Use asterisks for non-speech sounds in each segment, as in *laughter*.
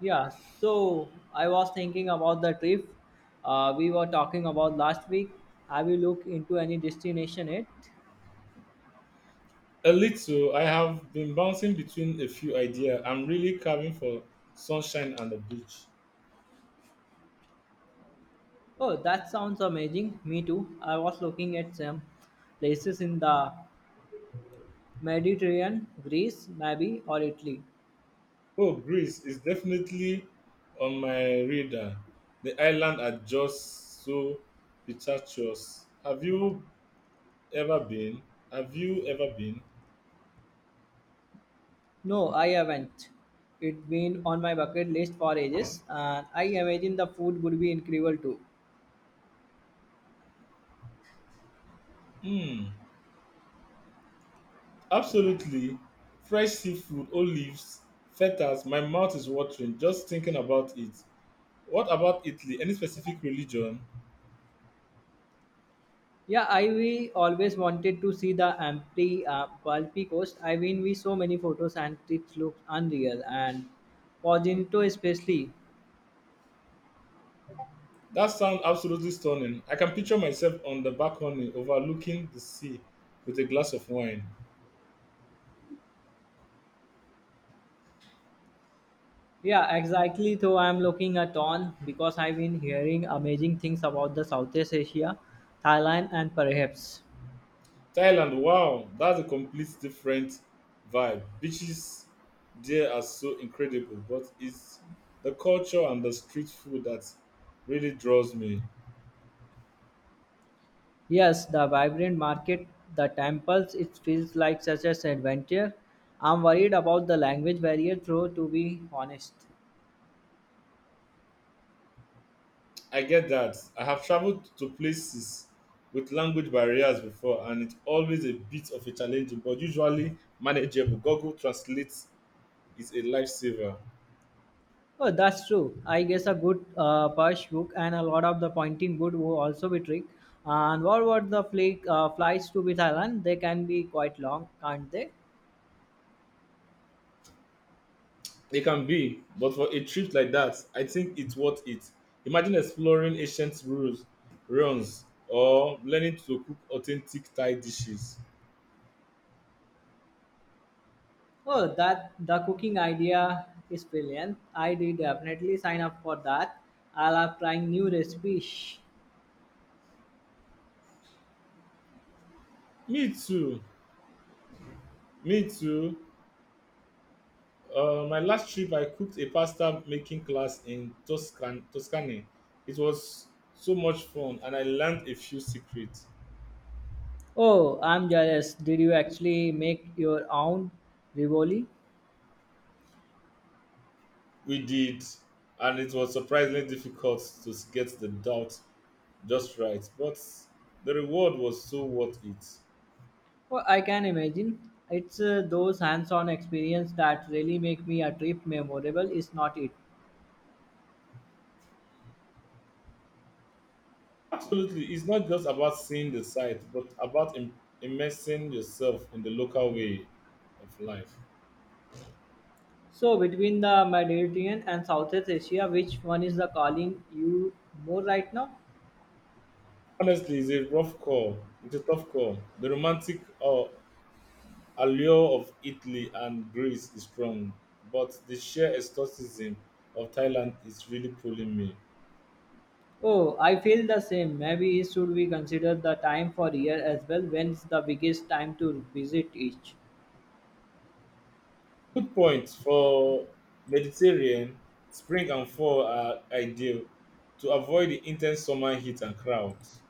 Yeah, so I was thinking about the trip we were talking about last week. Have you looked into any destination yet? A little. I have been bouncing between a few ideas. I'm really carving for sunshine and the beach. Oh, that sounds amazing. Me too. I was looking at some places in the Mediterranean, Greece, maybe, or Italy. Oh, Greece is definitely on my radar. The island are just so picturesque. Have you ever been? Have you ever been? No, I haven't. It's been on my bucket list for ages, and I imagine the food would be incredible too. Hmm. Absolutely. Fresh seafood, olives, fetas. My mouth is watering just thinking about it. What about Italy? Any specific religion? Yeah, I we always wanted to see the Ampli Palpi Coast. I mean, we saw many photos and it looks unreal. And Poginto especially. That sounds absolutely stunning. I can picture myself on the balcony overlooking the sea with a glass of wine. Yeah, exactly. Though I'm looking at on because I've been hearing amazing things about the Southeast Asia, Thailand, and perhaps Thailand, wow, that's a complete different vibe. Beaches there are so incredible, but it's the culture and the street food that really draws me. yes, the vibrant market, the temples. It feels like such an adventure. I'm worried about the language barrier, though. To be honest. I get that. I have traveled to places with language barriers before, and it's always a bit of a challenge, but usually manageable. Google Translate is a lifesaver. Oh, that's true. I guess a good push hook and a lot of the pointing would also be trick. And what about the flies to be Thailand? They can be quite long, can't they? It can be, but for a trip like that, I think it's worth it. Imagine exploring ancient ruins, or learning to cook authentic Thai dishes. Oh, that the cooking idea is brilliant. I did definitely sign up for that. I'll have trying new recipes. Me too. Me too. My last trip, I cooked a pasta making class in Tuscany. It was so much fun, and I learned a few secrets. Oh, I'm jealous. Did you actually make your own rivoli? We did, and it was surprisingly difficult to get the doubt just right, but the reward was so worth it. Oh, I can imagine. It's those hands-on experience that really make me a trip memorable, is not it? Absolutely. It's not just about seeing the site, but about immersing yourself in the local way of life. So between the Mediterranean and Southeast Asia, which one is the calling you more right now? Honestly, it's a rough call. It's a tough call. The romantic allure of Italy and Greece is strong, but the sheer exoticism of Thailand is really pulling me. Oh, I feel the same. Maybe should we consider the time for year as well? When's the biggest time to visit each? Good point. For Mediterranean, spring and fall are ideal to avoid the intense summer heat and crowds.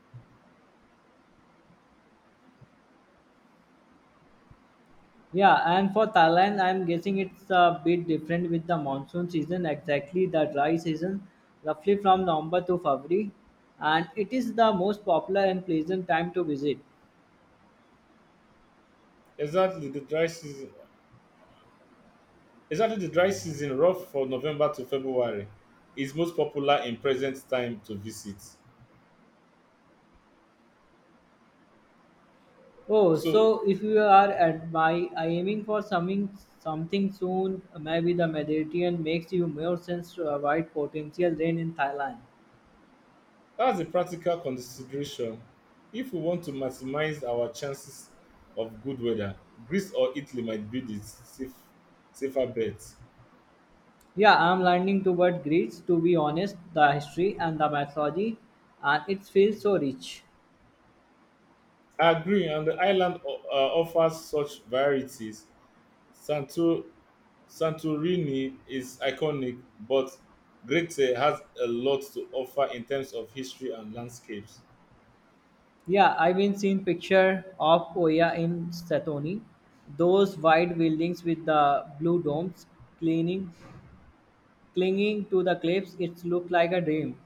Yeah, and for Thailand, I'm guessing it's a bit different with the monsoon season. Exactly, the dry season, roughly from November to February, and it is the most popular and pleasant time to visit. Exactly, the dry season. Rough for November to February, is most popular in present time to visit. Oh, So so if you are at my aiming for something something soon, maybe the Mediterranean makes you more sense to avoid potential rain in Thailand. that's a practical consideration. If we want to maximize our chances of good weather, Greece or Italy might be safer bet. Yeah, I'm leaning toward Greece to be honest, the history and the mythology, and it feels so rich. I agree, and the island offers such varieties. Santo, Santorini is iconic, but Crete has a lot to offer in terms of history and landscapes. Yeah, I've been seeing picture of Oya in Satoni, those white buildings with the blue domes clinging clinging to the cliffs. It looked like a dream.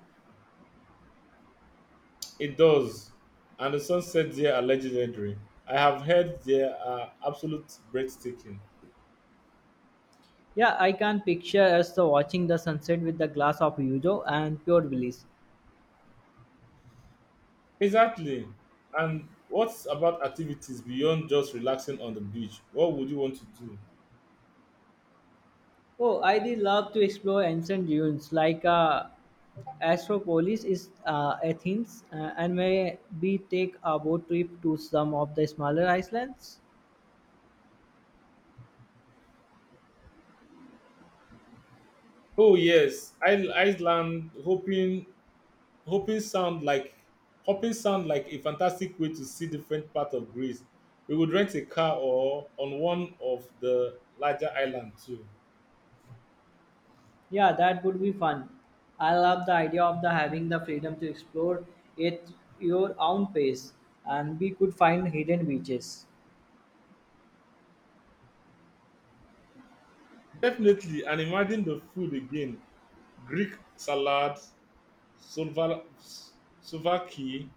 It does, and the sunsets there are legendary. I have heard they are absolute breathtaking. Yeah, I can picture us watching the sunset with a glass of yuzu and pure bliss. Exactly. And what about activities beyond just relaxing on the beach? What would you want to do? Oh, I did love to explore ancient ruins like Astropolis is Athens and maybe take a boat trip to some of the smaller islands. Oh yes, Iceland. Hoping sound like, hoping sound like a fantastic way to see different part of Greece. We would rent a car or on one of the larger island too. Yeah, that would be fun. I love the idea of the having the freedom to explore at your own pace and we could find hidden beaches. Definitely, and imagine the food again: Greek salad, Sloval- S- Slovakia,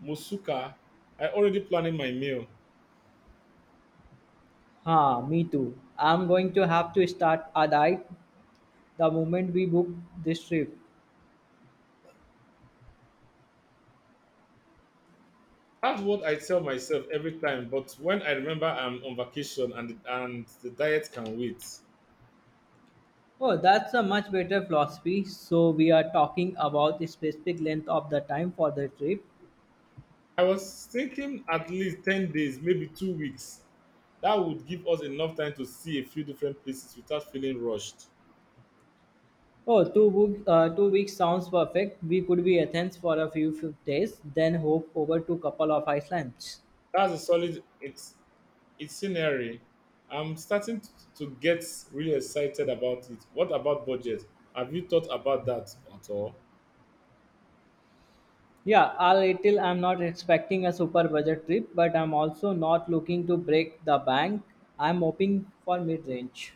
Moscow. I already planning my meal. Huh, me too. I'm going to have to start a diet the moment we book this trip. That's what I tell myself every time, but when I remember I'm on vacation and the diet can wait. Oh, that's a much better philosophy. So we are talking about the specific length of the time for the trip. I was thinking at least 10 days, maybe 2 weeks. That would give us enough time to see a few different places without feeling rushed. Oh, 2 weeks sounds perfect. We could be Athens for a few days, then hop over to couple of islands. That's a solid it's Itinerary. I'm starting to get really excited about it. What about budget? Have you thought about that at all? Yeah, I'll little. I'm not expecting a super budget trip, but I'm also not looking to break the bank. I'm hoping for mid range.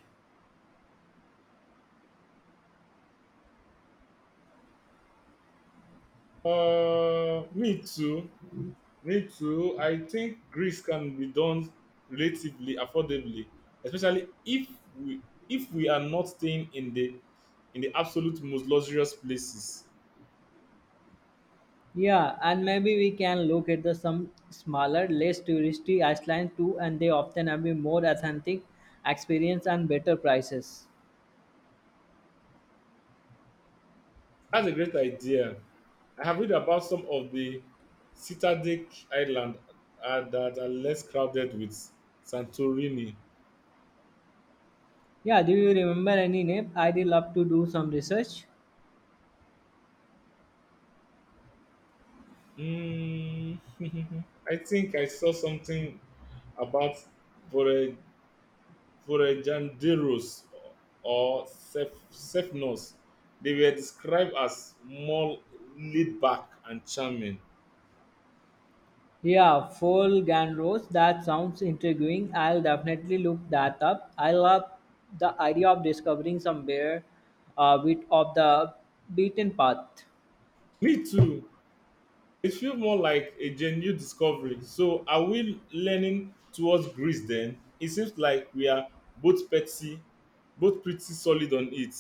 Me too. I think Greece can be done relatively affordably, especially we if we are not staying in the absolute most luxurious places. Yeah, and maybe we can look at the some smaller, less touristy islands too, and they often have a more authentic experience and better prices. That's a great idea. I have read about some of the Citadic Island that are less crowded with Santorini. Yeah, do you remember any name? I'd love to do some research. Mm, *laughs* I think I saw something about Forajanderos or Cepheus, they were described as more laid back and charming. Yeah, Fall Ganros, that sounds intriguing. I'll definitely look that up. I love the idea of discovering somewhere a bit of the beaten path. Me too. It feels more like a genuine discovery. So, are we leaning towards Greece then? It seems like we are both petty, both pretty solid on it.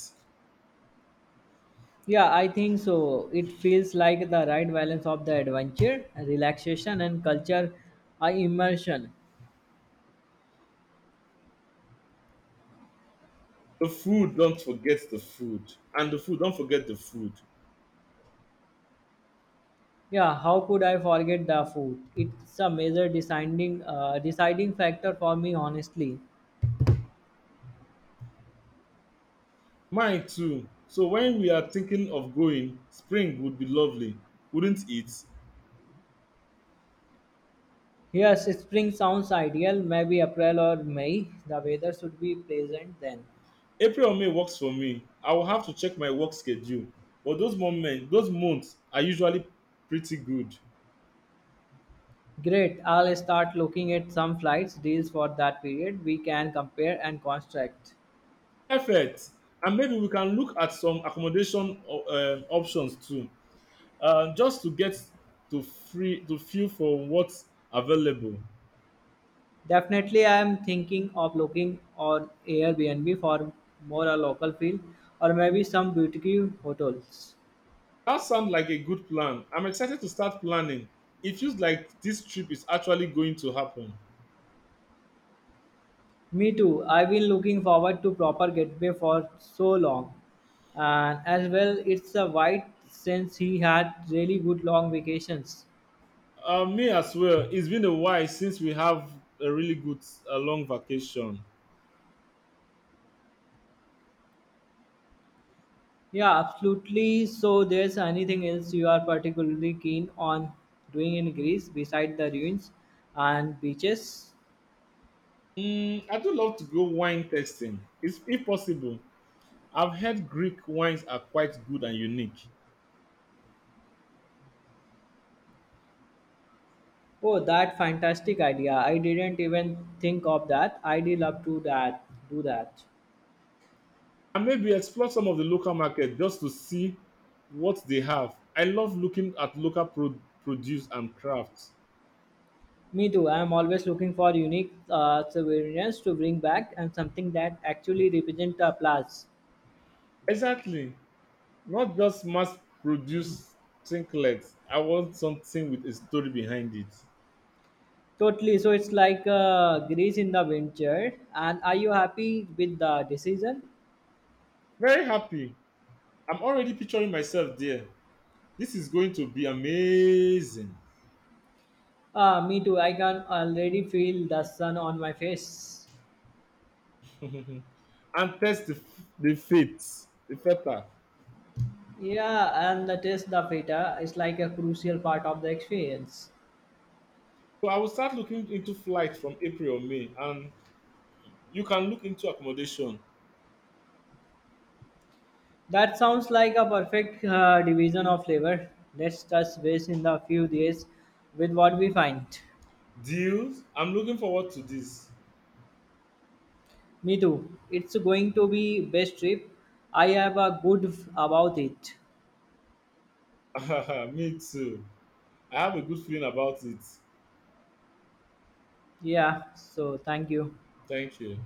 Yeah, I think so. It feels like the right balance of the adventure, relaxation, and culture immersion. The food, don't forget the food. And the food, don't forget the food. Yeah, how could I forget the food? It's a major deciding factor for me, honestly. Mine too. So, when we are thinking of going, spring would be lovely, wouldn't it? Yes, spring sounds ideal. Maybe April or May. The weather should be pleasant then. April or May works for me. I will have to check my work schedule, but those months are usually pretty good. Great. I'll start looking at some flights deals for that period. We can compare and contract. Perfect. And maybe we can look at some accommodation options too, just to get to free to feel for what's available. Definitely, I am thinking of looking on Airbnb for more a local feel or maybe some boutique hotels. That sounds like a good plan. I'm excited to start planning. It feels like this trip is actually going to happen. Me too. I've been looking forward to proper getaway for so long. And as well, it's a white since he had really good long vacations. Me as well. It's been a while since we have a really good long vacation. Yeah, absolutely. So there's anything else you are particularly keen on doing in Greece besides the ruins and beaches? I do love to go wine tasting. It's if possible. I've heard Greek wines are quite good and unique. Oh, that fantastic idea. I didn't even think of that. I'd love to that do that. And maybe explore some of the local market just to see what they have. I love looking at produce and crafts. Me too. I'm always looking for unique souvenirs to bring back and something that actually represent a place. Exactly. Not just mass produced trinkets. I want something with a story behind it. Totally. So it's like Greece in the winter. And are you happy with the decision? Very happy. I'm already picturing myself there. This is going to be amazing. Me too. I can already feel the sun on my face. And test the, f- the fates, the feta. Yeah, and the taste the feta is like a crucial part of the experience. So I will start looking into flights from April or May, and you can look into accommodation That sounds like a perfect division of labor. Let's touch base in the few days with what we find. deals. I'm looking forward to this. Me too. It's going to be best trip. I have a good about it. *laughs* Me too. I have a good feeling about it. Yeah. So thank you. Thank you.